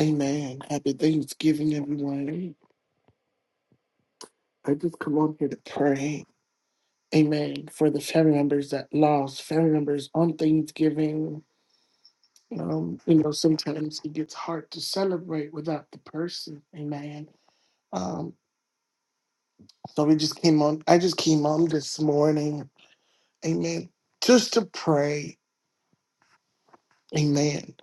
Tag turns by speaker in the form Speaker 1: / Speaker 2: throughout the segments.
Speaker 1: Amen. Happy Thanksgiving, everyone. I just come on here to pray. Amen. For the family members that lost family members on Thanksgiving. Um, you know, sometimes it gets hard to celebrate without the person. Amen. Um, so we just came on. I just came on this morning. Amen. Just to pray. Amen.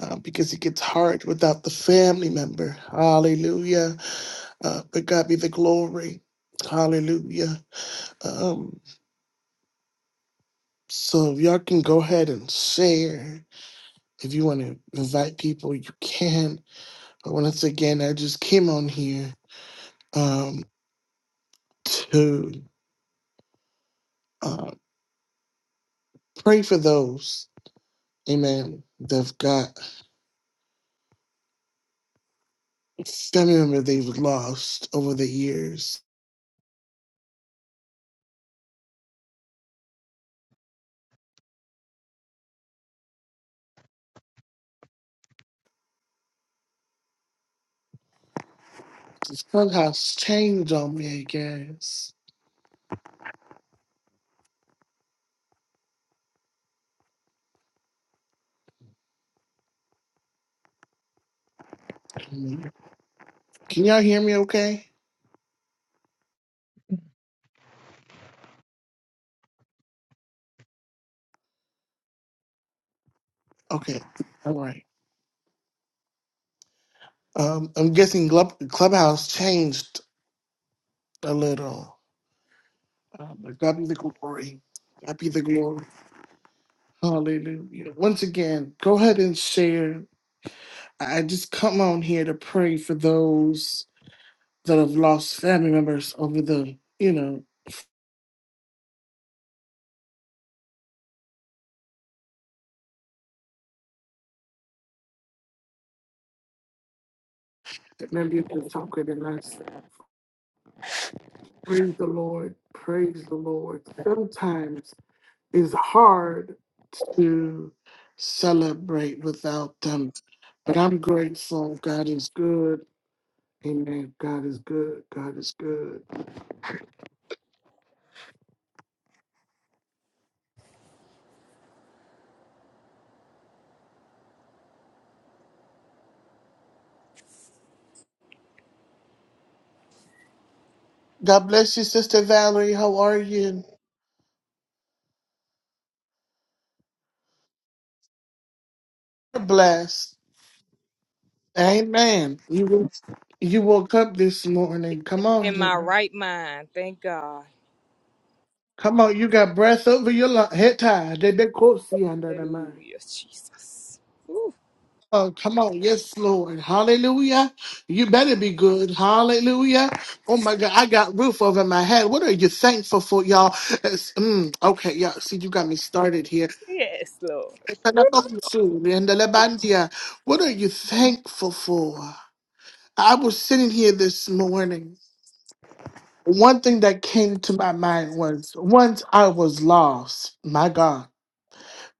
Speaker 1: Uh, because it gets hard without the family member. Hallelujah. Uh, but God be the glory. Hallelujah. Um, So if y'all can go ahead and share. If you want to invite people, you can. But once again, I just came on here um, to uh, pray for those, amen, that've got family member they've lost over the years. This clubhouse changed on me, I guess. Can y'all hear me okay? Okay, all right. Um, I'm guessing club, Clubhouse changed a little. Um, but God be the glory. God be the glory. Hallelujah. Once again, go ahead and share. I I just come on here to pray for those that have lost family members over the, you know, that maybe it's stronger than us. Praise the Lord. Praise the Lord. Sometimes it's hard to celebrate without them, but I'm grateful. God is good. Amen. God is good. God is good. God bless you, Sister Valerie. How are you? You're Blessed. Amen. You wo- you woke up this morning. Come on
Speaker 2: in my
Speaker 1: here.
Speaker 2: right mind. Thank God.
Speaker 1: Come on, you got breath over your lung. Head tied. They they quote you under the mind.
Speaker 2: Hallelujah, Jesus. Ooh,
Speaker 1: Oh, come on. Yes, Lord. Hallelujah. You better be good. Hallelujah. Oh my God. I got roof over my head. What are you thankful for, y'all? It's- mm, okay, yeah. See, you got me started here.
Speaker 2: yes, Lord.
Speaker 1: What are you thankful for? I was sitting here this morning. One thing that came to my mind was once I was lost. My God.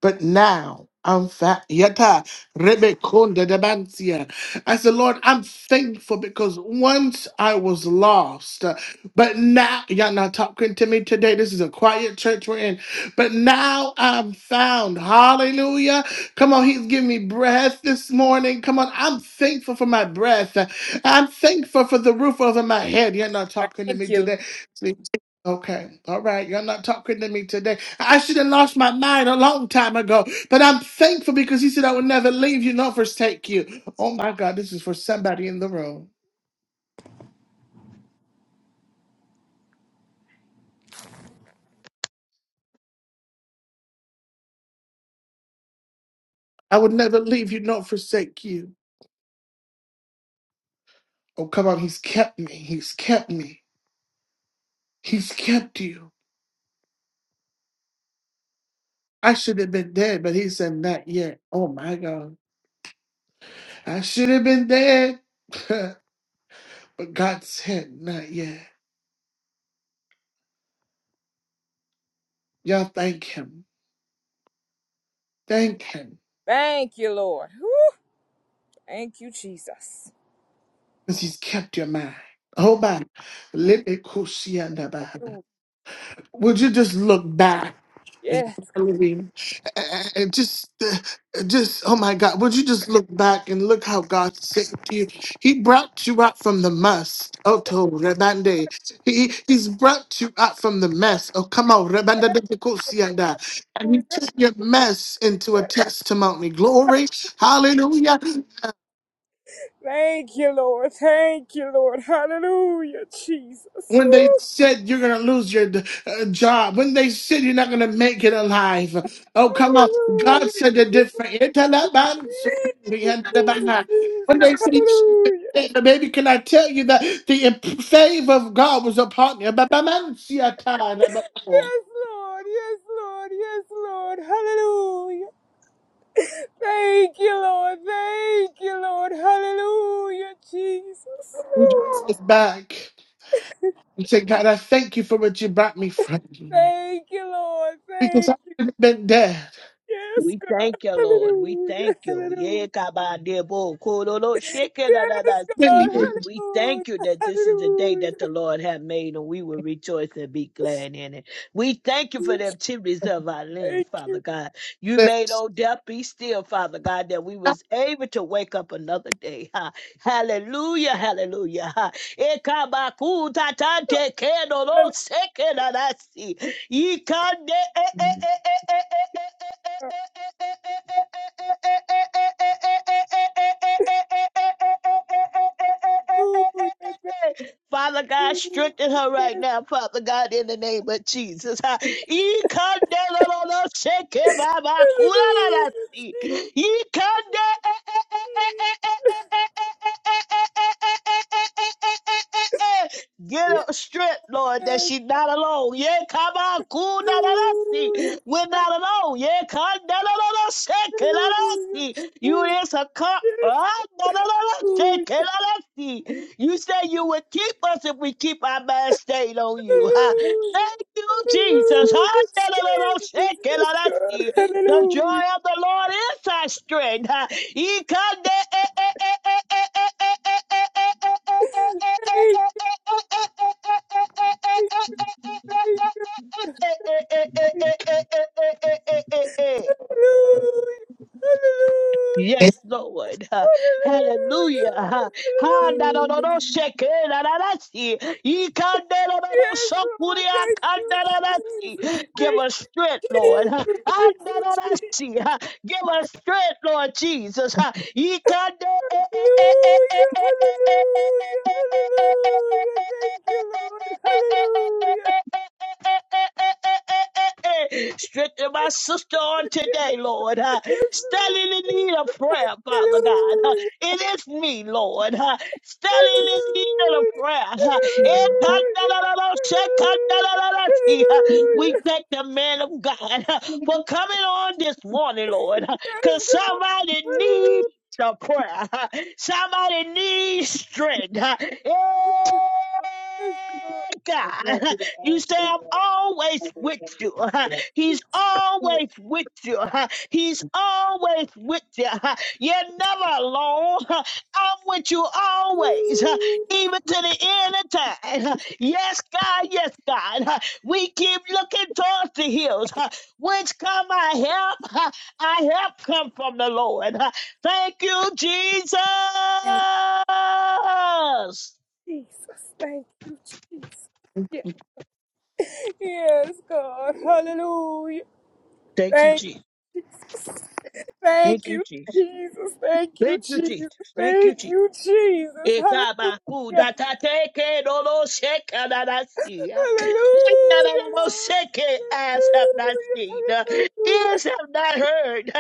Speaker 1: But now I'm fat. Yata rebe konda de bansia. I said, Lord, I'm thankful because once I was lost, uh, but now y'all not talking to me today. This is a quiet church we're in. But now I'm found. Hallelujah. Come on, he's giving me breath this morning. Come on, I'm thankful for my breath. I'm thankful for the roof over my head. You're not talking to
Speaker 2: Thank
Speaker 1: me
Speaker 2: you. Lord.
Speaker 1: today. Okay, all right. You're not talking to me today. I should have lost my mind a long time ago, but I'm thankful because he said I would never leave you nor forsake you. Oh my God, this is for somebody in the room. I would never leave you nor forsake you. Oh, come on. He's kept me. He's kept me. He's kept you. I should have been dead, but he said, not yet. Oh my God. I should have been dead, but God said, not yet. Y'all thank him. Thank him.
Speaker 2: Thank you, Lord. Ooh, thank you, Jesus.
Speaker 1: because he's kept your mind. Oh, Hold back.
Speaker 2: Hallelujah.
Speaker 1: Would you just look back? And
Speaker 2: Yes.
Speaker 1: follow him? and and just, uh, just, oh my God, would you just look back and look how God saved you? He brought you out from the mess. Oh,
Speaker 2: God.
Speaker 1: to Rebande. He, he's brought you out from the mess. Oh, come on. Rebanda de Bekosianda. And he
Speaker 2: Hallelujah.
Speaker 1: turned your mess into a testimony. Glory. Hallelujah.
Speaker 2: Thank you, Lord. Thank you, Lord. Hallelujah, Jesus.
Speaker 1: When they
Speaker 2: Ooh,
Speaker 1: said you're going to lose your uh, job, when they said you're not going to make it alive, oh, come on. God
Speaker 2: hallelujah.
Speaker 1: said a different. When
Speaker 2: Jesus, Jesus, Jesus.
Speaker 1: they said,
Speaker 2: Hallelujah.
Speaker 1: baby, can I tell you that the imp- favor of God was upon you?
Speaker 2: Yes, Lord. Yes, Lord. Yes, Lord. Hallelujah. Thank you, Lord. Thank you, Lord. Hallelujah, Jesus.
Speaker 1: We
Speaker 2: Oh,
Speaker 1: just is back and say, God, I thank you for what you brought me from.
Speaker 2: Thank you, Lord.
Speaker 1: Because
Speaker 2: Thank
Speaker 1: I
Speaker 2: you.
Speaker 1: could have been dead.
Speaker 2: Yes,
Speaker 3: We
Speaker 2: God.
Speaker 3: thank you, Lord. We
Speaker 2: Hallelujah.
Speaker 3: thank you. Yeah,
Speaker 2: Hallelujah.
Speaker 3: kabadebo, kororo,
Speaker 2: Yes, God.
Speaker 3: shekedadadasi.
Speaker 1: Been
Speaker 3: We
Speaker 2: Hallelujah.
Speaker 3: thank you that this is the day
Speaker 2: Hallelujah.
Speaker 3: that the Lord hath made and we will rejoice and be glad in it. We thank you for the activities of our limbs,
Speaker 2: Thank
Speaker 3: Father
Speaker 2: you.
Speaker 3: God. You
Speaker 1: dead
Speaker 3: made, oh death, be still, Father God, that we was able to wake up another day. Ha. Hallelujah, hallelujah. Ha. Ekabakutatante kedoro,
Speaker 2: Hallelujah.
Speaker 3: sekedadasi. Ikande e e e e e e e e
Speaker 2: Thank
Speaker 3: Father God,
Speaker 2: you.
Speaker 3: strengthen her right
Speaker 2: Yes.
Speaker 3: now, Father God, in the name of Jesus. Ha.
Speaker 2: Hallelujah.
Speaker 3: Ikandelololosekebabakulalasi.
Speaker 2: Jesus.
Speaker 3: Ikande- Get
Speaker 2: Yes.
Speaker 3: her strength, Lord, that she's not alone. Yeah, come on, cool, da da da.
Speaker 2: Hallelujah.
Speaker 3: see. We're not alone. Yeah, come da da da da. Shake da da.
Speaker 2: Hallelujah.
Speaker 3: see. You
Speaker 2: Jesus.
Speaker 3: is a cup.
Speaker 2: Yes.
Speaker 3: Ah, da da da da.
Speaker 2: Hallelujah.
Speaker 3: Shake da da. see. You say you would keep us if we keep our mind stayed on you.
Speaker 2: Hallelujah.
Speaker 3: Thank you, Jesus. The
Speaker 2: Hallelujah. Jesus. Yes, God.
Speaker 3: joy
Speaker 2: Hallelujah.
Speaker 3: of the Lord is our strength.
Speaker 2: Thank you. Hallelujah.
Speaker 3: Yes, Lord.
Speaker 2: Hallelujah.
Speaker 3: Hallelujah. Handaroroshekerararasi.
Speaker 2: Hallelujah, Lord. Hallelujah. Yes, Lord. Thank you, Jesus.
Speaker 3: Ikanderorosokuriakandararasi. Give
Speaker 2: Thank
Speaker 3: us strength,
Speaker 2: you,
Speaker 3: Lord.
Speaker 2: Jesus. Thank you, Jesus.
Speaker 3: Handarorasi. Give us strength, Lord Jesus. Ha, Ikande e e e e e e e
Speaker 2: Hallelujah.
Speaker 3: e e e e
Speaker 2: Hallelujah. Hallelujah. Thank you, Lord. Hallelujah.
Speaker 3: Strengthen my sister on today, Lord. Uh,
Speaker 2: Yes,
Speaker 3: Standing in
Speaker 2: Lord.
Speaker 3: need of prayer, Father God.
Speaker 2: Hallelujah.
Speaker 3: It is me, Lord, huh, standing in need of a
Speaker 2: Hallelujah.
Speaker 3: prayer. huh.
Speaker 4: Yeah, that's-
Speaker 2: Hallelujah.
Speaker 4: that's-
Speaker 3: Ekandalalasekandalalasi, huh.
Speaker 4: you
Speaker 3: We
Speaker 2: Hallelujah.
Speaker 4: know,
Speaker 3: thank the man of God huh,
Speaker 4: you
Speaker 3: for
Speaker 4: know,
Speaker 3: coming on this morning, Lord,
Speaker 2: Hallelujah. Yes,
Speaker 3: because
Speaker 2: God.
Speaker 3: somebody needs
Speaker 2: Hallelujah.
Speaker 3: the prayer. huh. Somebody needs strength. huh.
Speaker 2: Yes, God.
Speaker 4: I
Speaker 3: God.
Speaker 4: want you to
Speaker 3: You
Speaker 4: ask
Speaker 3: say,
Speaker 4: the
Speaker 3: I'm
Speaker 4: uh,
Speaker 3: always
Speaker 4: other
Speaker 3: with
Speaker 4: young
Speaker 3: you.
Speaker 4: man.
Speaker 2: Yes, God.
Speaker 3: He's
Speaker 4: Yeah,
Speaker 3: always with you. He's always with you. You're never alone. I'm with you always,
Speaker 2: Ooh.
Speaker 3: even to the end of time. Yes, God, yes, God. We keep looking towards the hills. Whence come my help? Our help come from the Lord. Thank you, Jesus.
Speaker 2: Thank Jesus. Thank you, Jesus. Yeah! yes God. Hallelujah.
Speaker 3: Thank you,
Speaker 2: Thank
Speaker 3: Jesus.
Speaker 2: you, Jesus.
Speaker 3: Thank
Speaker 2: Thank
Speaker 3: you,
Speaker 2: you,
Speaker 3: Jesus.
Speaker 2: Jesus. Thank you,
Speaker 3: Thank you,
Speaker 2: Jesus.
Speaker 3: Jesus. Thank you,
Speaker 2: Thank
Speaker 3: Jesus.
Speaker 2: you, Jesus.
Speaker 3: Ekabaku
Speaker 2: Hallelujah.
Speaker 3: datateke dolo sheka dadasia.
Speaker 2: Hallelujah, Lord.
Speaker 3: Seke eyes have not
Speaker 2: Hallelujah,
Speaker 3: seen,
Speaker 2: hallelujah.
Speaker 3: ears have not heard,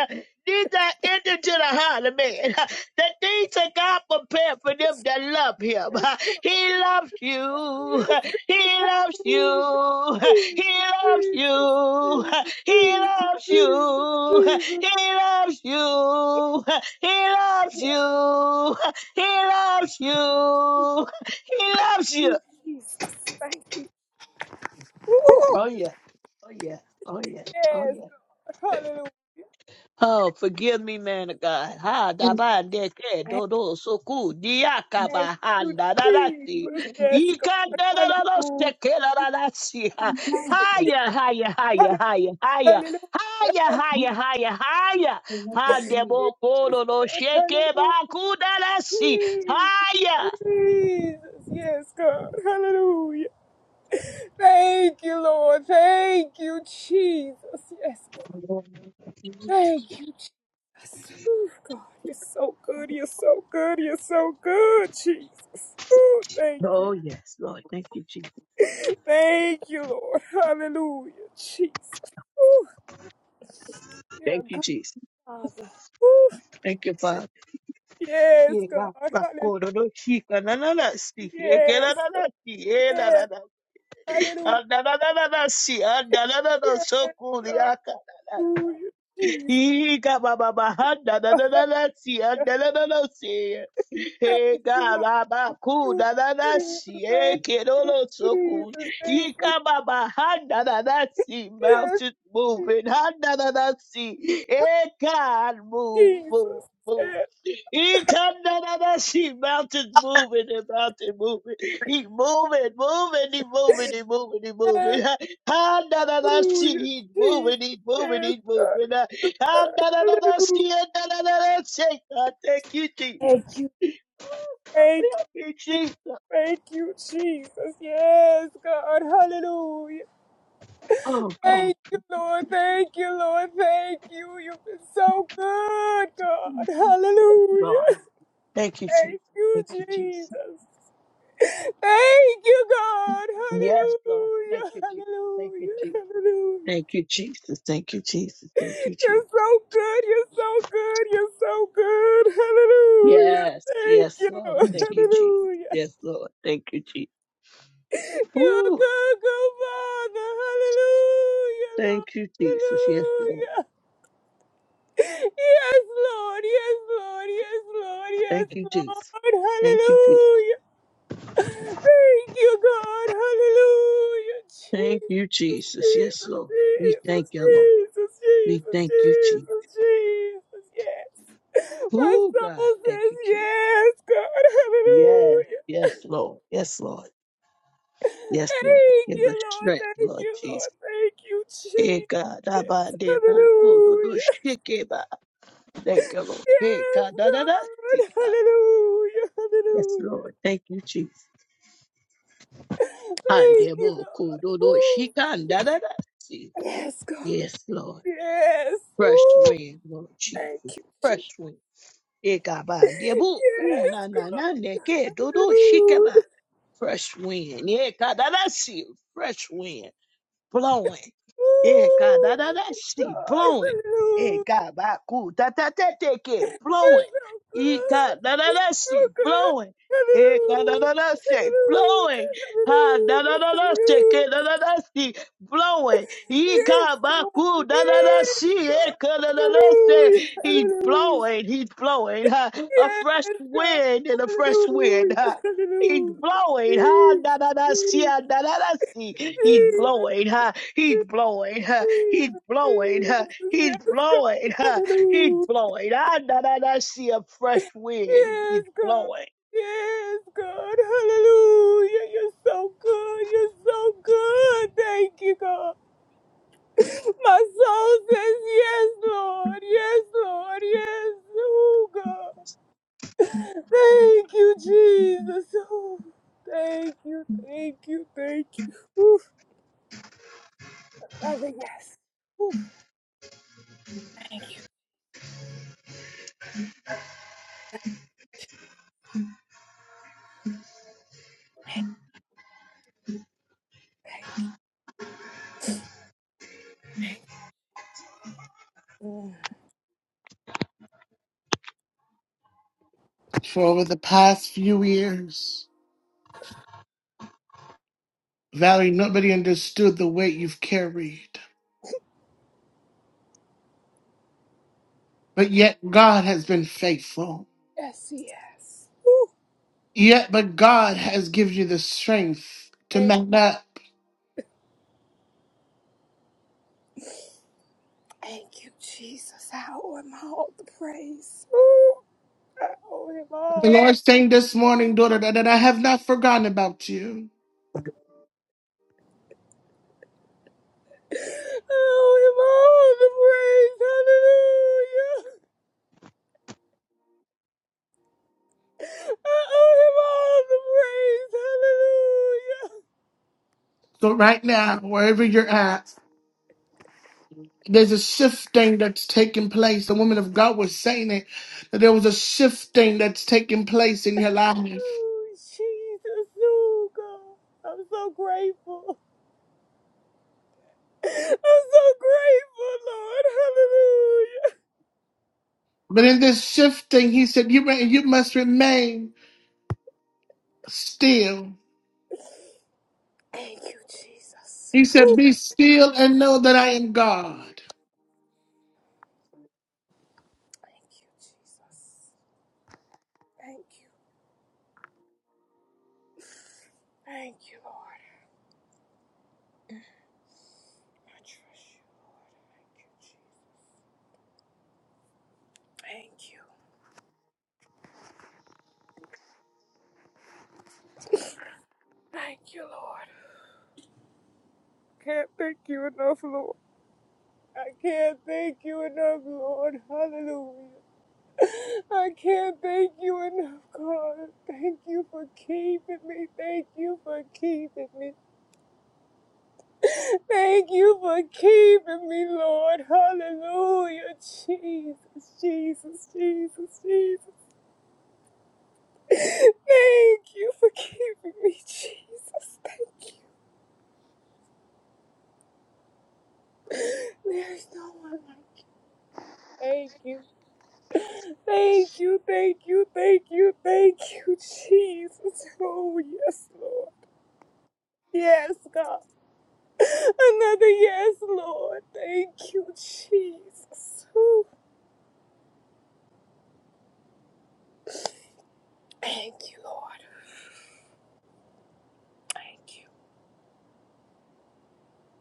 Speaker 3: neither entered to the heart of man. The things that God prepared for them that love Him. He loves you.
Speaker 2: Yes,
Speaker 3: He loves
Speaker 2: hallelujah.
Speaker 3: you. He
Speaker 2: Jesus,
Speaker 3: loves
Speaker 2: Jesus,
Speaker 3: you.
Speaker 2: Jesus,
Speaker 3: He
Speaker 2: Jesus,
Speaker 3: loves
Speaker 2: Jesus,
Speaker 3: you.
Speaker 2: Jesus.
Speaker 3: He loves you. He loves
Speaker 2: Yes,
Speaker 3: you. He loves you. He
Speaker 2: thank
Speaker 3: loves you.
Speaker 2: you, Jesus. Thank you. Ooh,
Speaker 3: Oh
Speaker 4: I'm
Speaker 3: yeah. Oh yeah. Oh yeah. Oh
Speaker 2: yes,
Speaker 3: yeah.
Speaker 2: God. Hallelujah.
Speaker 3: Oh, forgive me, man of God. Ha da ba de ke do do so ku diaka
Speaker 2: Thank
Speaker 3: ba
Speaker 2: you,
Speaker 3: handa da da si.
Speaker 4: not
Speaker 2: Jesus.
Speaker 4: gonna-
Speaker 2: Yes,
Speaker 3: Ika
Speaker 2: God.
Speaker 3: da da da da se
Speaker 2: Hallelujah.
Speaker 3: ke da da da si. Ha
Speaker 4: No.
Speaker 3: ya ha ya ha ya ha ya ha ya
Speaker 2: Hallelujah.
Speaker 3: ha ya
Speaker 2: Hallelujah.
Speaker 3: ha
Speaker 4: Hmm?
Speaker 3: ya ha ya ha ya
Speaker 4: Well, that's
Speaker 3: ha
Speaker 4: what
Speaker 3: de
Speaker 4: she
Speaker 3: bo ko
Speaker 2: Yes,
Speaker 3: do do she ke
Speaker 2: God.
Speaker 3: ba ku da da si. Ha
Speaker 2: Hallelujah.
Speaker 3: ya.
Speaker 2: Jesus. Yes, God. Hallelujah. Thank you, Lord. Thank you, Jesus. Yes, God.
Speaker 4: is.
Speaker 2: Thank you, Jesus. Ooh, God, you're so good. You're so good. You're so good, Jesus. Ooh, thank
Speaker 3: Oh
Speaker 2: you.
Speaker 3: yes, Lord. Thank you, Jesus.
Speaker 2: Thank you, Lord. Hallelujah, Jesus. Ooh, you're a
Speaker 3: Thank you,
Speaker 2: good
Speaker 3: Jesus.
Speaker 2: Father. Ooh,
Speaker 3: Thank you, Father.
Speaker 2: yes,
Speaker 3: Ye
Speaker 2: God.
Speaker 3: ba- ba-
Speaker 2: Hallelujah.
Speaker 3: ko- do- do- shi- ka- na- na- na- si. Ye- ke- na-
Speaker 2: Yes.
Speaker 3: na- na- si. Ye- na-
Speaker 2: Yes.
Speaker 3: na- na.
Speaker 2: Hallelujah.
Speaker 3: Ah, na- na- na- na- na- si. Ah, na- na- na- na- so-
Speaker 2: Yes.
Speaker 3: ku- ri-
Speaker 2: God.
Speaker 3: ah, ka.
Speaker 2: Hallelujah, Jesus.
Speaker 3: He got my mama handa na na na na see handa na na na see.
Speaker 2: Thank
Speaker 3: He
Speaker 2: you, Lord.
Speaker 3: Baba my cool
Speaker 2: you,
Speaker 3: na na na
Speaker 2: Jesus.
Speaker 3: see. He
Speaker 2: Thank
Speaker 3: can all
Speaker 2: you,
Speaker 3: so cool.
Speaker 2: Jesus. Thank
Speaker 3: He
Speaker 2: you.
Speaker 3: got my mama handa na na see.
Speaker 2: Yes,
Speaker 3: Mountains
Speaker 2: yes,
Speaker 3: moving handa na na see. He God move move
Speaker 2: Jesus.
Speaker 3: move.
Speaker 2: Yes,
Speaker 3: He come na na na see mountains moving and mountain moving. He moving, moving, he moving, he moving, he moving. Ha da da da see
Speaker 2: Hallelujah,
Speaker 3: he's moving, he's
Speaker 2: Jesus.
Speaker 3: moving,
Speaker 2: Yes,
Speaker 3: he's
Speaker 2: God.
Speaker 3: moving. God, da, da, da, da,
Speaker 2: Hallelujah.
Speaker 3: see it, da, da, da, da, say, God, thank you, Jesus. Oh,
Speaker 2: Thank you.
Speaker 3: God,
Speaker 2: Thank you.
Speaker 3: help me, Jesus.
Speaker 2: Jesus. Thank you, Jesus. Yes, God. Hallelujah.
Speaker 3: Oh, God,
Speaker 2: Thank you, Lord. Thank you, Lord. Thank you. You've been so good, God.
Speaker 3: Lord.
Speaker 2: Hallelujah.
Speaker 3: Thank you, Jesus.
Speaker 2: Thank you,
Speaker 3: Thank you, Jesus.
Speaker 2: Jesus. Thank you, God.
Speaker 3: Yes, Lord. Thank
Speaker 2: Hallelujah.
Speaker 3: you, Jesus. Thank you,
Speaker 2: Hallelujah.
Speaker 3: Jesus.
Speaker 2: Hallelujah.
Speaker 3: Thank you, Jesus. Thank you, Jesus. Thank you, Jesus.
Speaker 2: You're so good. You're so good. You're so good. Hallelujah.
Speaker 3: Yes,
Speaker 2: Thank
Speaker 3: yes,
Speaker 2: you,
Speaker 3: Lord.
Speaker 2: Lord.
Speaker 3: Thank you, Jesus.
Speaker 2: Hallelujah.
Speaker 3: Yes, Lord. Thank you, Jesus.
Speaker 2: You're a
Speaker 3: Ooh,
Speaker 2: good, good Father. Hallelujah,
Speaker 3: thank
Speaker 2: Lord.
Speaker 3: you, Jesus. Yes, Lord.
Speaker 2: Hallelujah. Yes, Lord. Yes, Lord. Yes, Lord. Yes,
Speaker 3: Thank you,
Speaker 2: Lord.
Speaker 3: Jesus. Thank you, Jesus.
Speaker 2: Hallelujah. Thank you, God. Hallelujah.
Speaker 3: Thank you,
Speaker 2: Jesus,
Speaker 3: Jesus. Yes, Lord. We thank
Speaker 2: Jesus,
Speaker 3: you, Lord.
Speaker 2: Jesus,
Speaker 3: We
Speaker 2: Jesus, Jesus,
Speaker 3: thank you, Jesus.
Speaker 2: Jesus, Jesus. Yes. My
Speaker 3: Oh, God.
Speaker 2: soul
Speaker 3: Thank
Speaker 2: says
Speaker 3: you, Jesus.
Speaker 2: yes, God.
Speaker 3: Yes.
Speaker 2: Hallelujah.
Speaker 3: Yes, Lord. Yes, Lord. Yes, Lord.
Speaker 2: Thank
Speaker 3: Give
Speaker 2: you,
Speaker 3: us
Speaker 2: Lord.
Speaker 3: strength,
Speaker 2: Thank
Speaker 3: Lord
Speaker 2: you,
Speaker 3: Jesus.
Speaker 2: Lord. Thank you,
Speaker 3: Hey,
Speaker 2: Jesus.
Speaker 3: God.
Speaker 2: Yes. Hallelujah.
Speaker 3: Abandebokododoshikeba. Thank you, Lord. Hey,
Speaker 2: Yes,
Speaker 3: God. da, da, da, see,
Speaker 2: God.
Speaker 3: God.
Speaker 2: Hallelujah.
Speaker 3: Yes,
Speaker 2: Hallelujah.
Speaker 3: Lord. Thank you, Jesus.
Speaker 2: Thank you, God. Woo.
Speaker 3: Andebokododoshikandadadasi.
Speaker 2: Yes, God.
Speaker 3: Yes, Lord.
Speaker 2: Yes.
Speaker 3: Fresh
Speaker 2: Ooh,
Speaker 3: wind, Lord
Speaker 2: thank
Speaker 3: Jesus.
Speaker 2: you, Jesus.
Speaker 3: Fresh wind. Ekaba debu
Speaker 2: Yes,
Speaker 3: una na
Speaker 2: God.
Speaker 3: na neke dodo shikeba.
Speaker 2: Hallelujah.
Speaker 3: Fresh wind. Ekadadasi. Fresh wind blowing. Yeah, God,
Speaker 2: Ooh,
Speaker 3: da da da,
Speaker 2: yes,
Speaker 3: see,
Speaker 2: God.
Speaker 3: blowing. Yeah,
Speaker 2: Hallelujah.
Speaker 3: God, ba cool, da da da, take it,
Speaker 2: You're
Speaker 3: blowing.
Speaker 2: so
Speaker 3: Yeah,
Speaker 2: good.
Speaker 3: God, da da
Speaker 2: You're
Speaker 3: da,
Speaker 2: so
Speaker 3: see,
Speaker 2: good.
Speaker 3: blowing. Yeah, God, da
Speaker 2: Hallelujah.
Speaker 3: da da, say,
Speaker 2: Hallelujah.
Speaker 3: blowing. Ha, da da
Speaker 2: Hallelujah.
Speaker 3: da da, shake
Speaker 2: Hallelujah.
Speaker 3: it, da da da, see, blowing. Yeah,
Speaker 2: Yes,
Speaker 3: God, ba
Speaker 2: God.
Speaker 3: cool, da da da,
Speaker 2: Yes,
Speaker 3: see, yeah,
Speaker 2: God.
Speaker 3: God, da da da, say,
Speaker 2: Hallelujah.
Speaker 3: he's
Speaker 2: Hallelujah.
Speaker 3: blowing, he's blowing. Ha, a
Speaker 2: Yes,
Speaker 3: fresh
Speaker 2: God.
Speaker 3: wind and a fresh wind.
Speaker 2: Hallelujah.
Speaker 3: He's
Speaker 2: Hallelujah.
Speaker 3: blowing, ha
Speaker 2: Jesus.
Speaker 3: Na na na see,
Speaker 2: Jesus.
Speaker 3: ah, na na na see. He's
Speaker 2: Jesus.
Speaker 3: blowing, ha. He's
Speaker 2: Yes,
Speaker 3: blowing, ha. He's blowing, ha. He's
Speaker 2: God.
Speaker 3: blowing, ha. He's
Speaker 2: Hallelujah.
Speaker 3: blowing, ah, na na na see a fresh wind.
Speaker 2: Yes,
Speaker 3: He's
Speaker 2: God.
Speaker 3: blowing.
Speaker 2: Yes, God. Hallelujah. You're so good. You're so good. Thank you, God. My soul says, Yes, Lord. Yes, Lord. Yes, oh, God. Thank you, Jesus. Oh, thank you. Thank you. Thank you. Oof. Father, yes. Oof. Thank you. Thank you. Mm.
Speaker 1: for over the past few years. Valerie, nobody understood the weight you've carried. But yet God has been faithful.
Speaker 2: Yes, yes. Ooh.
Speaker 1: Yet, but God has given you the strength to mount up.
Speaker 2: Thank you, Jesus. I owe him all the praise. Ooh, I owe him
Speaker 1: The
Speaker 2: all the
Speaker 1: Lord's saying this morning, daughter, that that I have not forgotten about you.
Speaker 2: I owe him all the praise. Hallelujah. I owe him all the praise. Hallelujah.
Speaker 1: So right now, wherever you're at, there's a shifting that's taking place. The woman of God was saying it, that there was a shifting that's taking place in your life.
Speaker 2: Ooh, Jesus. Ooh, God. I'm so grateful. I'm so grateful, Lord.
Speaker 1: But in this shifting, he said, you, re- you must remain still.
Speaker 2: Hallelujah. Thank you, Jesus.
Speaker 1: He said,
Speaker 2: Ooh.
Speaker 1: Be still and know that I am God.
Speaker 2: Thank you, Jesus. Thank you. Thank you, Lord. I trust you, Lord. Thank you, Jesus. Thank you. Thank you, Lord. I Can't thank you enough, Lord. I can't thank you enough, Lord. Hallelujah. I can't thank you enough, God. Thank you for keeping me. Thank you for keeping me. Thank you for keeping me, Lord. Hallelujah. Jesus, Jesus, Jesus, Jesus. Thank you for keeping me, Jesus. Thank you. There's no one like you. Thank you. Thank you, thank you, thank you, thank you, Jesus. Oh, yes, Lord. Yes, God. Another yes, Lord. Thank you, Jesus. Ooh. Thank you, Lord. Thank you.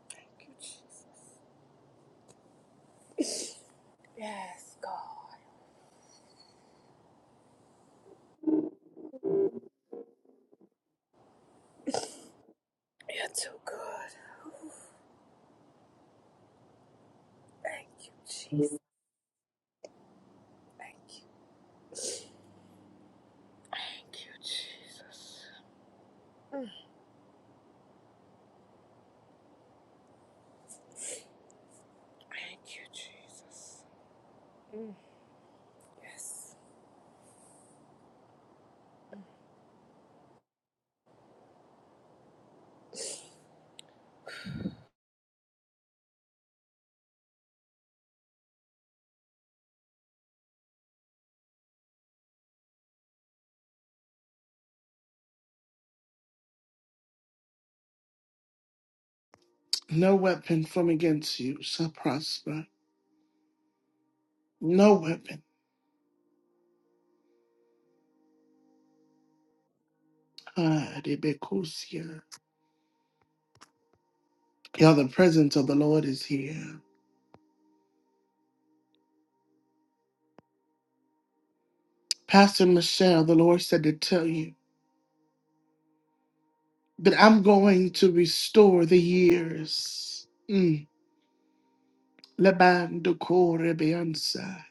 Speaker 2: Thank you, Jesus. Yes, God. You're too good. Thank you, Jesus. Thank you. Thank you, Jesus. Thank you, Jesus. Yes.
Speaker 1: No weapon from against you shall prosper. No weapon. Ah, de Y'all, the presence of the Lord is here. Pastor Michelle, the Lord said to tell you that I'm going to restore the years. Mm. Lebando core beanza.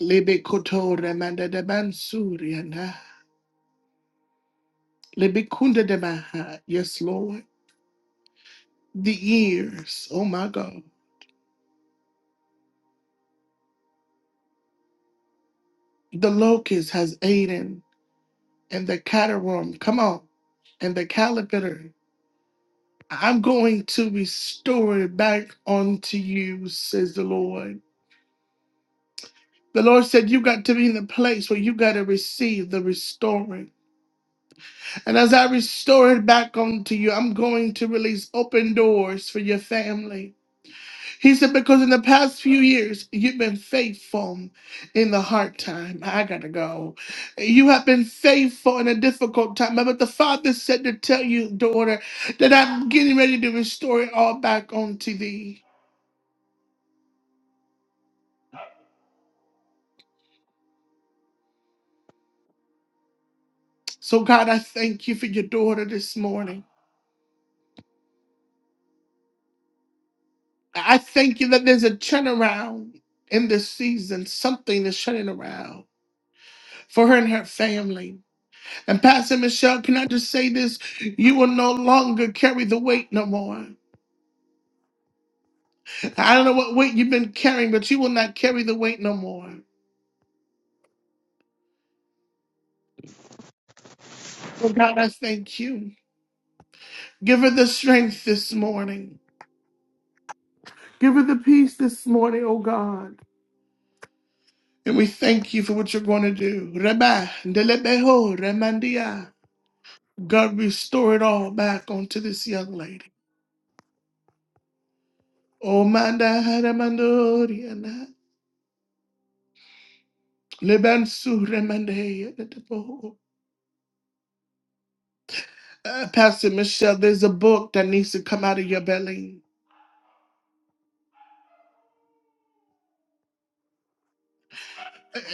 Speaker 1: Lebe kotore manda de bansuriana. Lebe kunda de maha. Yes, Lord. The years. Oh, my God. The locust has eaten, and the caterworm, come on, and the caterpillar. I'm going to restore it back unto you, says the Lord. The Lord said, You got to be in the place where you got to receive the restoring. And as I restore it back unto you, I'm going to release open doors for your family. He said, Because in the past few years, you've been faithful in the hard time. I gotta go. You have been faithful in a difficult time. But the Father said to tell you, daughter, that I'm getting ready to restore it all back onto thee. So, God, I thank you for your daughter this morning. I thank you that there's a turnaround in this season. Something is turning around for her and her family. And Pastor Michelle, can I just say this? You will no longer carry the weight no more. I don't know what weight you've been carrying, but you will not carry the weight no more. Oh God, I thank you. Give her the strength this morning. Give her the peace this morning, oh God. And we thank you for what you're going to do. Reba, ndelebeho, remandia. God, restore it all back onto this young lady. Oh, manda remandoriana. Lebansu remandeya. Uh, Pastor Michelle, there's a book that needs to come out of your belly.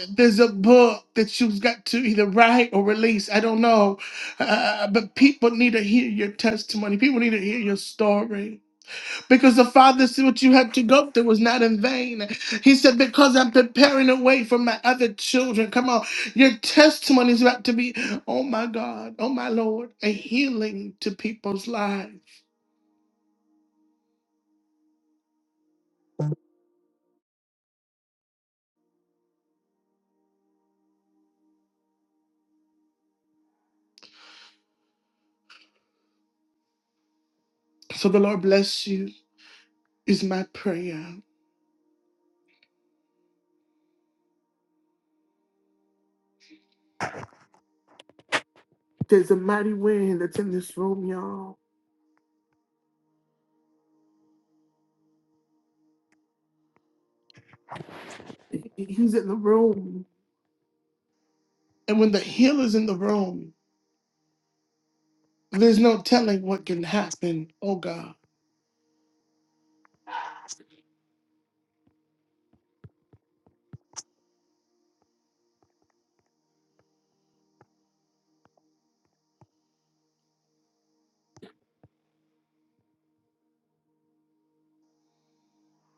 Speaker 1: there's a book that you've got to either write or release. I don't know. Uh, but people need to hear your testimony. People need to hear your story. Because the Father said what you had to go through was not in vain. He said, Because I'm preparing a way for my other children. Come on. Your testimony is about to be, oh my God, oh my Lord, a healing to people's lives. So the Lord bless you, is my prayer. There's a mighty wind that's in this room, y'all. He's in the room. And when the healer's in the room, there's no telling what can happen. Oh God,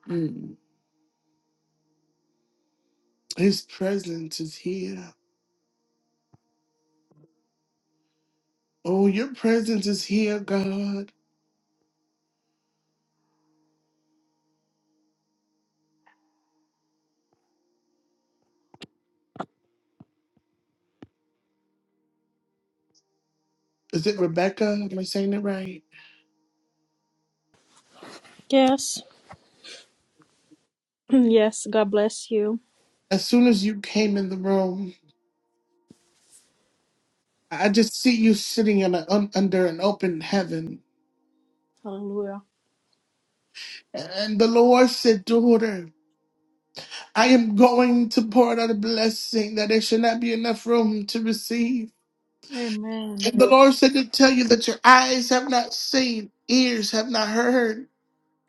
Speaker 1: Mm. His presence is here. Oh, your presence is here, God. Is it Rebecca? Am I saying it right?
Speaker 5: Yes. Yes. God bless you.
Speaker 1: As soon as you came in the room, I just see you sitting in a, un, under an open heaven.
Speaker 5: Hallelujah.
Speaker 1: And the Lord said, Daughter, I am going to pour out a blessing that there should not be enough room to receive.
Speaker 5: Amen.
Speaker 1: And the Lord said to tell you that your eyes have not seen, ears have not heard,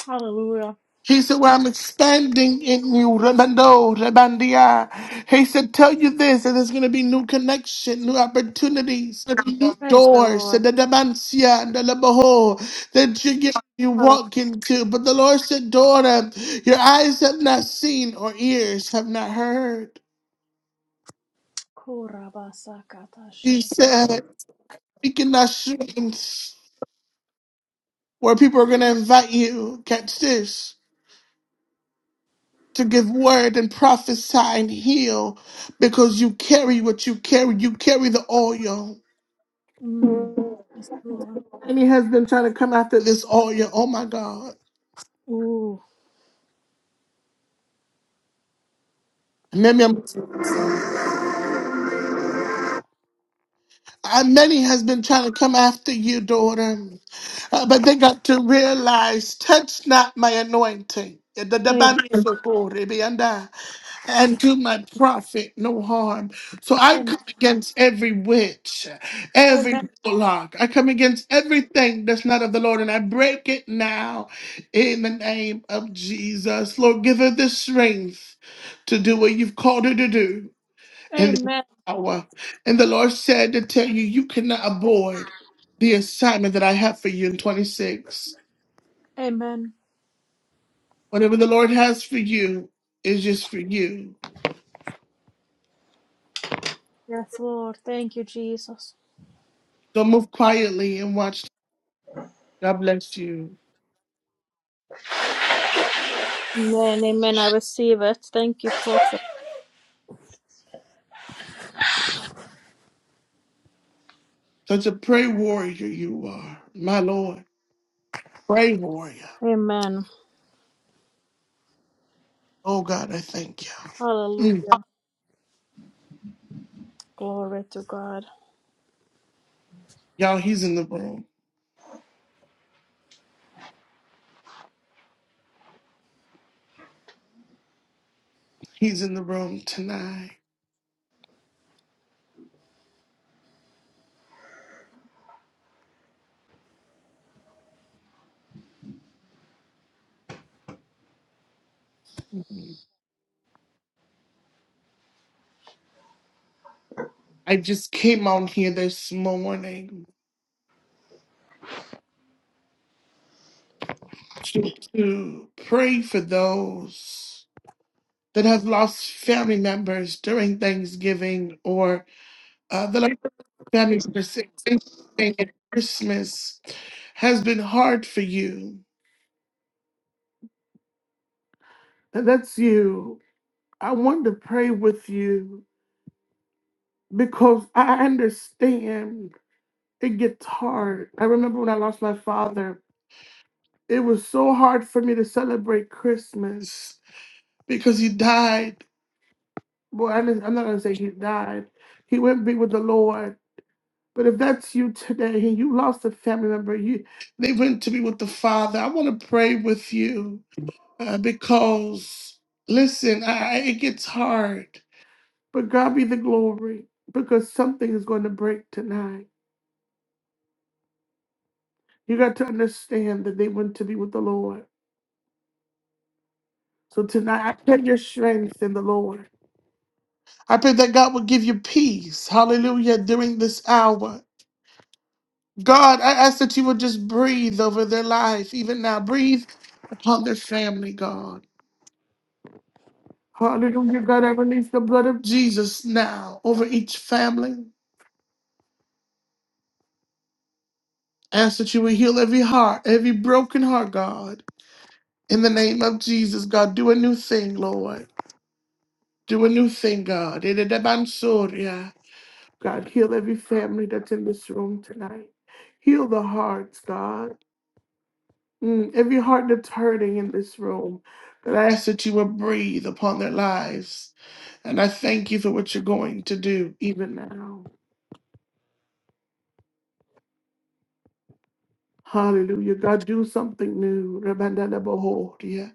Speaker 5: Hallelujah.
Speaker 1: He said, Well, I'm standing in you, Rebando, Rebandia. He said, Tell you this, and there's going to be new connection, new opportunities, new
Speaker 5: Praise the
Speaker 1: doors,
Speaker 5: Lord.
Speaker 1: and the Dabancia, and the Labaho that you get. You
Speaker 5: Hallelujah.
Speaker 1: walk into, but the Lord said, Daughter, your eyes have not seen or ears have not heard. He
Speaker 5: Kurabasakatashiri.
Speaker 1: said, Speaking not streams where people are going to invite you. Catch this. to give word and prophesy and heal because you carry what you carry. You carry the oil.
Speaker 5: Mm. Praise the Lord.
Speaker 1: Many has been trying to come after this oil. Oh my God.
Speaker 5: Ooh.
Speaker 1: Many, I- many has been trying to come after you, daughter, Uh, but they got to realize, touch not my anointing.
Speaker 5: Amen.
Speaker 1: and do my prophet no harm. So I
Speaker 5: Amen.
Speaker 1: come against every witch, every
Speaker 5: Amen.
Speaker 1: warlock. I come against everything that's not of the Lord, and I break it now in the name of Jesus. Lord, give her the strength to do what you've called her to do in this
Speaker 5: Amen.
Speaker 1: hour. And the Lord said to tell you, you cannot abort
Speaker 6: Ah.
Speaker 1: the assignment that I have for you in 26.
Speaker 5: Amen.
Speaker 1: Whatever the Lord has for you is just for you.
Speaker 5: Yes, Lord. Thank you, Jesus.
Speaker 1: So move quietly and watch God bless you.
Speaker 5: Amen. Amen. I receive it. Thank you, prophet.
Speaker 1: Such a pray warrior you are, my Lord. Pray warrior.
Speaker 5: Amen.
Speaker 1: Oh God, I thank you. Mm.
Speaker 5: Hallelujah. Glory to God.
Speaker 1: Y'all, he's in the room. He's in the room tonight. Mhm. I just came on here this morning to, to pray for those that have lost family members during Thanksgiving or uh, that are family members saying Thanksgiving and Christmas has been hard for you. And That's you I wanted to pray with you because I understand it gets hard. I remember when I lost my father, it was so hard for me to celebrate Christmas because he died. Well, I'm I'm not going to say he died, he went to be with the Lord. But if that's you today and you lost a family member, you they went to be with the Father. I want to pray with you uh, because, listen, I, it gets hard. But God be the glory because something is going to break tonight. You got to understand that they went to be with the Lord. So tonight, I pray your strength in the Lord. I pray that God will give you peace. Hallelujah. During this hour. God, I ask that you would just breathe over their life, even now. Breathe upon their family, God. Hallelujah. God, I release the blood of Jesus now over each family. Ask that you would heal every heart, every broken heart, God. In the name of Jesus, God, do a new thing, Lord. Do a new thing, God. In the name of Soria. God, heal every family that's in this room tonight. Heal the hearts, God. Mm, every heart that's hurting in this room. God, I ask that you would breathe upon their lives. And I thank you for what you're going to do even now. Hallelujah. God, do something new. Rabandalabohoria.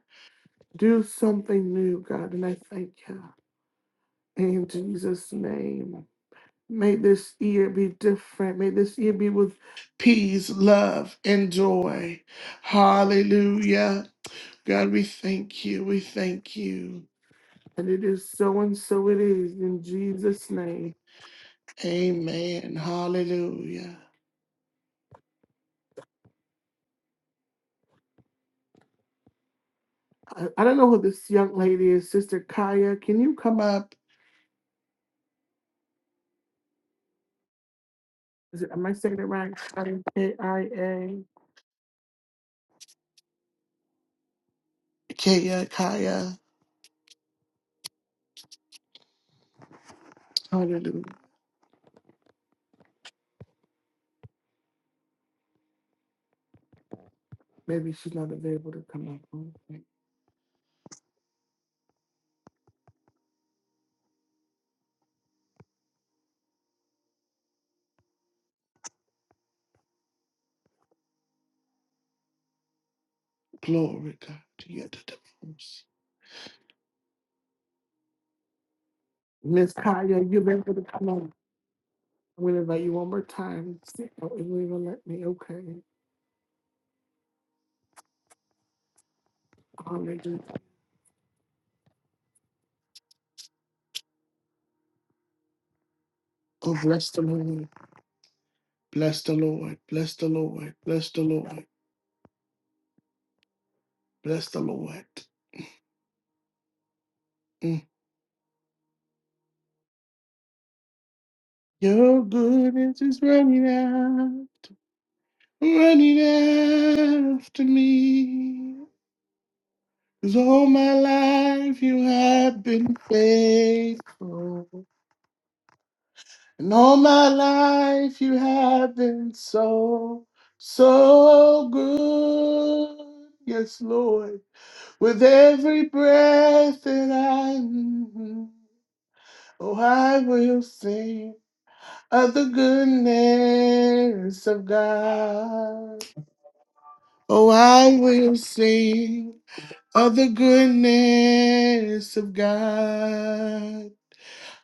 Speaker 1: Do something new, God. And I thank you. In Jesus' name. May this year be different. May this year be with peace, love, and joy. Hallelujah. God, we thank you. We thank you. And it is so and so it is in Jesus' name. Amen. Hallelujah. I, I don't know who this young lady is, Sister Kaya. Can you come up? Is it, am I saying it right? K I A. Kaya, Kaya. Hallelujah. Maybe she's not available to come up. Okay. Glory, God. You get the most. Miss Kaya, you've been for the come on. I'm going to invite you one more time. See if you even let me. Okay. Hallelujah. Oh, bless the Lord. Bless the Lord. Bless the Lord. Bless the Lord. Bless the Lord. Mm. Your goodness is running out, running after me. 'Cause all my life you have been faithful. And all my life you have been so, so good. Yes, Lord. With every breath that I, oh, I will sing of the goodness of God. Oh, I will sing of the goodness of God.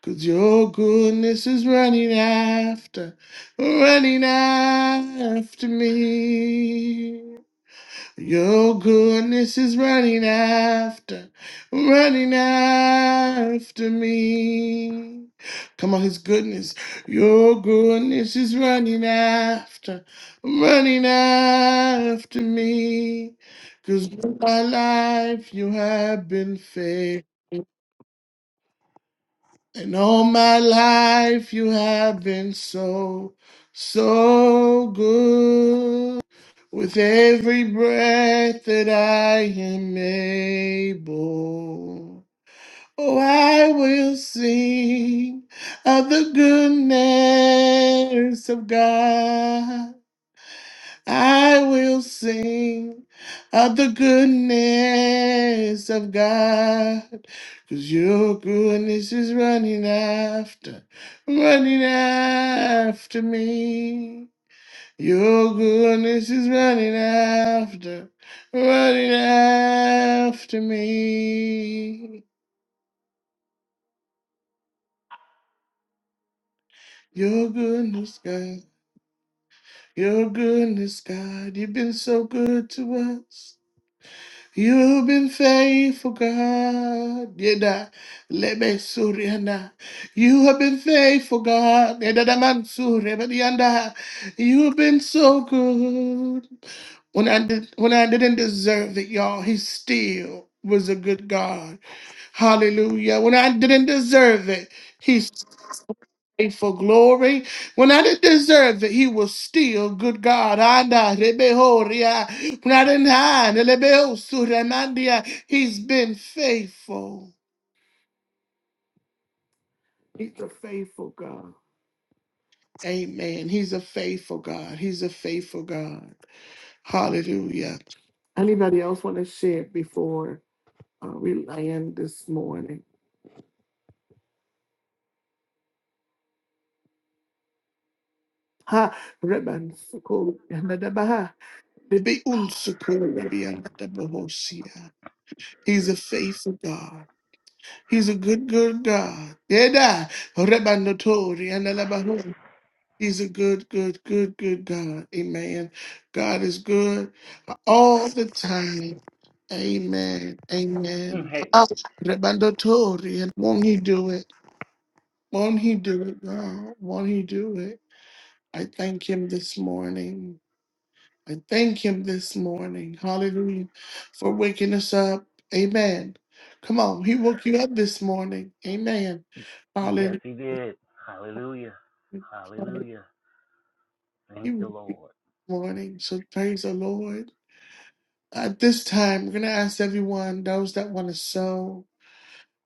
Speaker 1: Cause your goodness is running after, running after me. Your goodness is running after, running after me. Come on, His goodness. Your goodness is running after, running after me. Cause all my life you have been faithful. And all my life you have been so, so good. With every breath that I am able, oh, I will sing of the goodness of God. I will sing of the goodness of God, cause your goodness is running after, running after me. Your goodness is running after, running after me. Your goodness, God, your goodness, God, you've been so good to us. You've been faithful, God. Yeda, lebe surianda. You have been faithful, God. Yeda da man suri, but yeah, nah. You've been so good. When I did, when I didn't deserve it, y'all, He still was a good God. Hallelujah. When I didn't deserve it, He for glory. When I didn't deserve it, he was still good God. Anda, rebehoria. When I didn't hide, elebeosuramandia, he's been faithful. He's a faithful God. Amen. He's a faithful God. He's a faithful God. Hallelujah. Anybody else want to share before uh, we land this morning? Ha, reban sukul yanadabaha, rebe unsukul rabiyanadabahosia. He's a faithful God. He's a good, good God. Yeda. Rebandotori. Andalabahu. He's a good, good, good, good God. Amen. God is good all the time. Amen. Amen. Ah, Rebandotori. And Won't he do it? Won't he do it, God? Won't he do it? I thank him this morning. I thank him this morning. Hallelujah. For waking us up. Amen. Come on. He woke you up this morning. Amen. Hallelujah. He woke you up this morning. So praise the Lord. At this time, we're going to ask everyone, those that want to sow,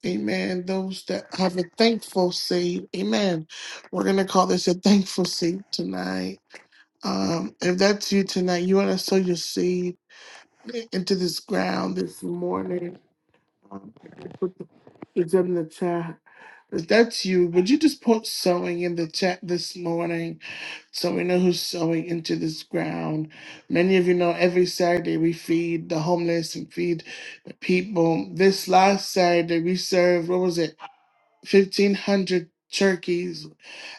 Speaker 1: amen. Those that have a thankful seed, amen. We're going to call this a thankful seed tonight. Um, if that's you tonight, you want to sow your seed into this ground this morning. Put the- It's in the chat. If that's you, would you just put sewing in the chat this morning so we know who's sewing into this ground? Many of you know every Saturday we feed the homeless and feed the people. This last Saturday we served, what was it, 1,500 turkeys.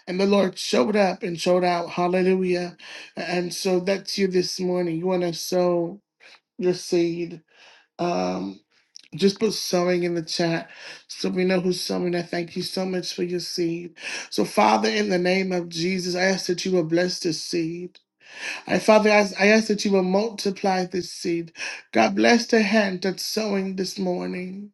Speaker 1: And the Lord showed up and showed out. Hallelujah. And so that's you this morning. You want to sow your seed. um. Just put sowing in the chat so we know who's sowing. I thank you so much for your seed. So, Father, in the name of Jesus, I ask that you will bless this seed. I, Father, I ask, I ask that you will multiply this seed. God, bless the hand that's sowing this morning.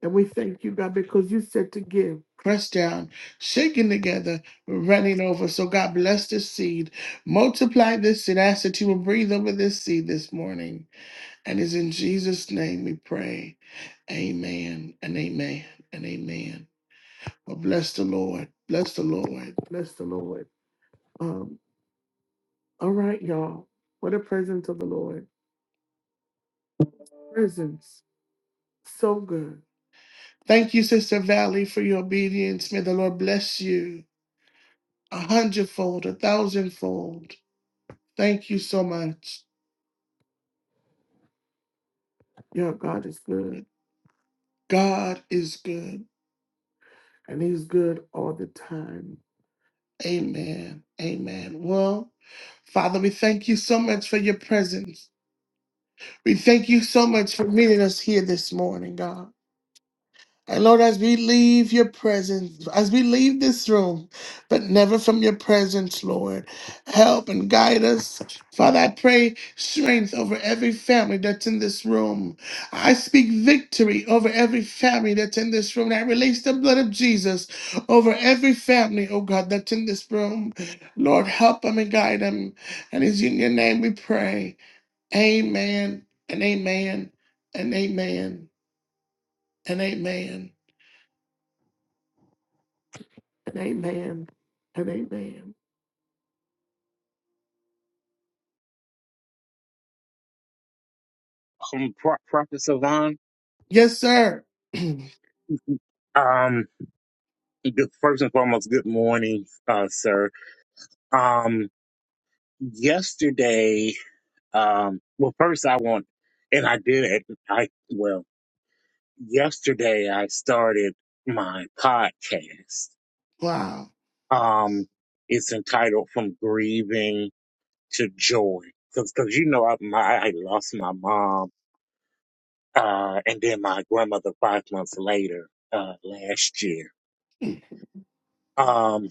Speaker 1: And we thank you, God, because you said to give. Pressed down, shaken together, running over. So, God, bless this seed. Multiply this seed. I ask that you will breathe over this seed this morning. And it's in Jesus' name we pray. Amen and amen and amen. Well, bless the Lord. Bless the Lord. Bless the Lord. Um, all right, y'all. What a presence of the Lord. Presence. So good. Thank you, Sister Valley, for your obedience. May the Lord bless you a hundredfold, a thousandfold. Thank you so much. Your God is good. God is good. And He's good all the time. Amen. Amen. Well, Father, we thank you so much for your presence. We thank you so much for meeting us here this morning, God. And Lord, as we leave your presence, as we leave this room, but never from your presence, Lord, help and guide us. Father, I pray strength over every family that's in this room. I speak victory over every family that's in this room. I release the blood of Jesus over every family, oh God, that's in this room. Lord, help them and guide them. And it's in your name we pray. Amen and amen and amen and amen. An amen. An amen.
Speaker 7: Um, Pro- Prophet Savan,
Speaker 1: Yes, sir.
Speaker 7: um, good, first and foremost, good morning, uh, sir. Um, yesterday, um, well, first I want, and I did I, well, yesterday I started my podcast.
Speaker 1: wow.
Speaker 7: Um, it's entitled From Grieving to Joy. Cause, cause you know, I, my, I lost my mom, uh, and then my grandmother five months later, uh, last year. Um,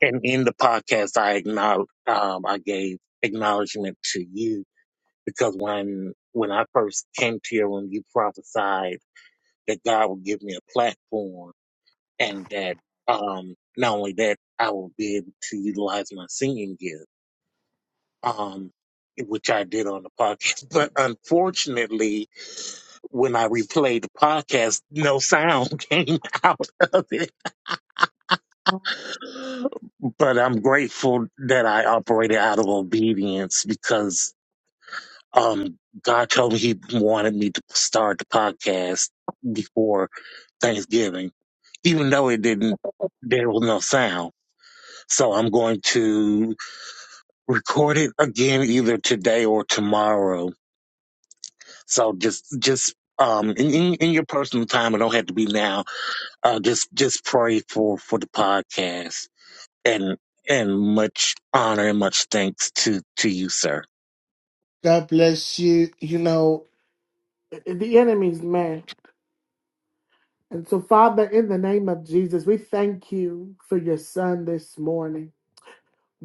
Speaker 7: and in the podcast, I acknowledge, um, I gave acknowledgement to you because when, when I first came to you, when you prophesied that God would give me a platform and that, um, not only that, I will be able to utilize my singing gift, um, which I did on the podcast. But unfortunately, when I replayed the podcast, no sound came out of it but I'm grateful that I operated out of obedience because um, God told me He wanted me to start the podcast before Thanksgiving, even though it didn't. There was no sound, so I'm going to record it again either today or tomorrow. So just, just um, in, in, in your personal time, it don't have to be now. Uh, just, just pray for for the podcast. and and much honor and much thanks to to you, sir.
Speaker 1: God bless you. You know, The enemy's mad. And so, Father, in the name of Jesus, we thank you for your son this morning.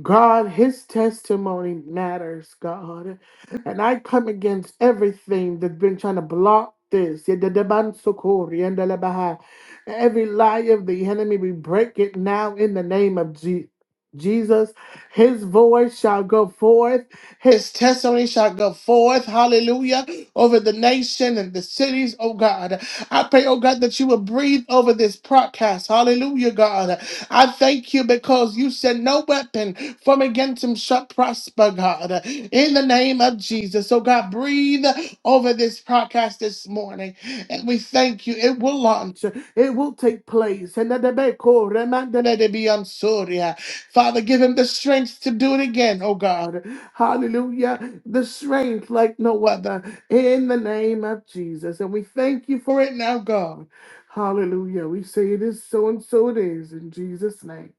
Speaker 1: God, his testimony matters, God. And I come against everything that's been trying to block this. Yededebansokori, yendelebaha. Every lie of the enemy, we break it now in the name of Je- Jesus. His voice shall go forth, his testimony shall go forth. Hallelujah. Over the nation and the cities, oh God. I pray, oh God, that you will breathe over this podcast. Hallelujah, God. I thank you because you said no weapon from against him shall prosper, God. In the name of Jesus. So God, breathe over this podcast this morning. And we thank you. It will launch. It will take place. And that they may call, remind that they be on Soria. Father, give him the strength to do it again, oh God. Hallelujah. The strength like no other in the name of Jesus. And we thank you for it now, God. Hallelujah. We say it is so and so it is in Jesus' name.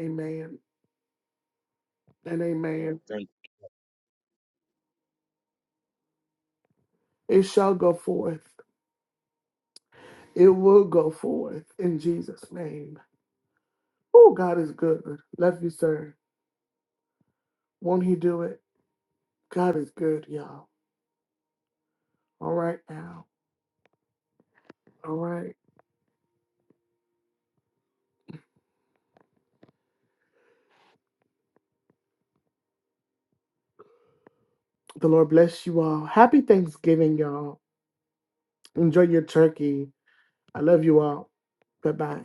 Speaker 1: Amen and
Speaker 7: And
Speaker 1: amen.
Speaker 7: thank
Speaker 1: It shall go forth. It will go forth in Jesus' name. Oh, God is good. Love you, sir. Won't he do it? God is good, y'all. All right now. All right. The Lord bless you all. Happy Thanksgiving, y'all. Enjoy your turkey. I love you all. Bye bye.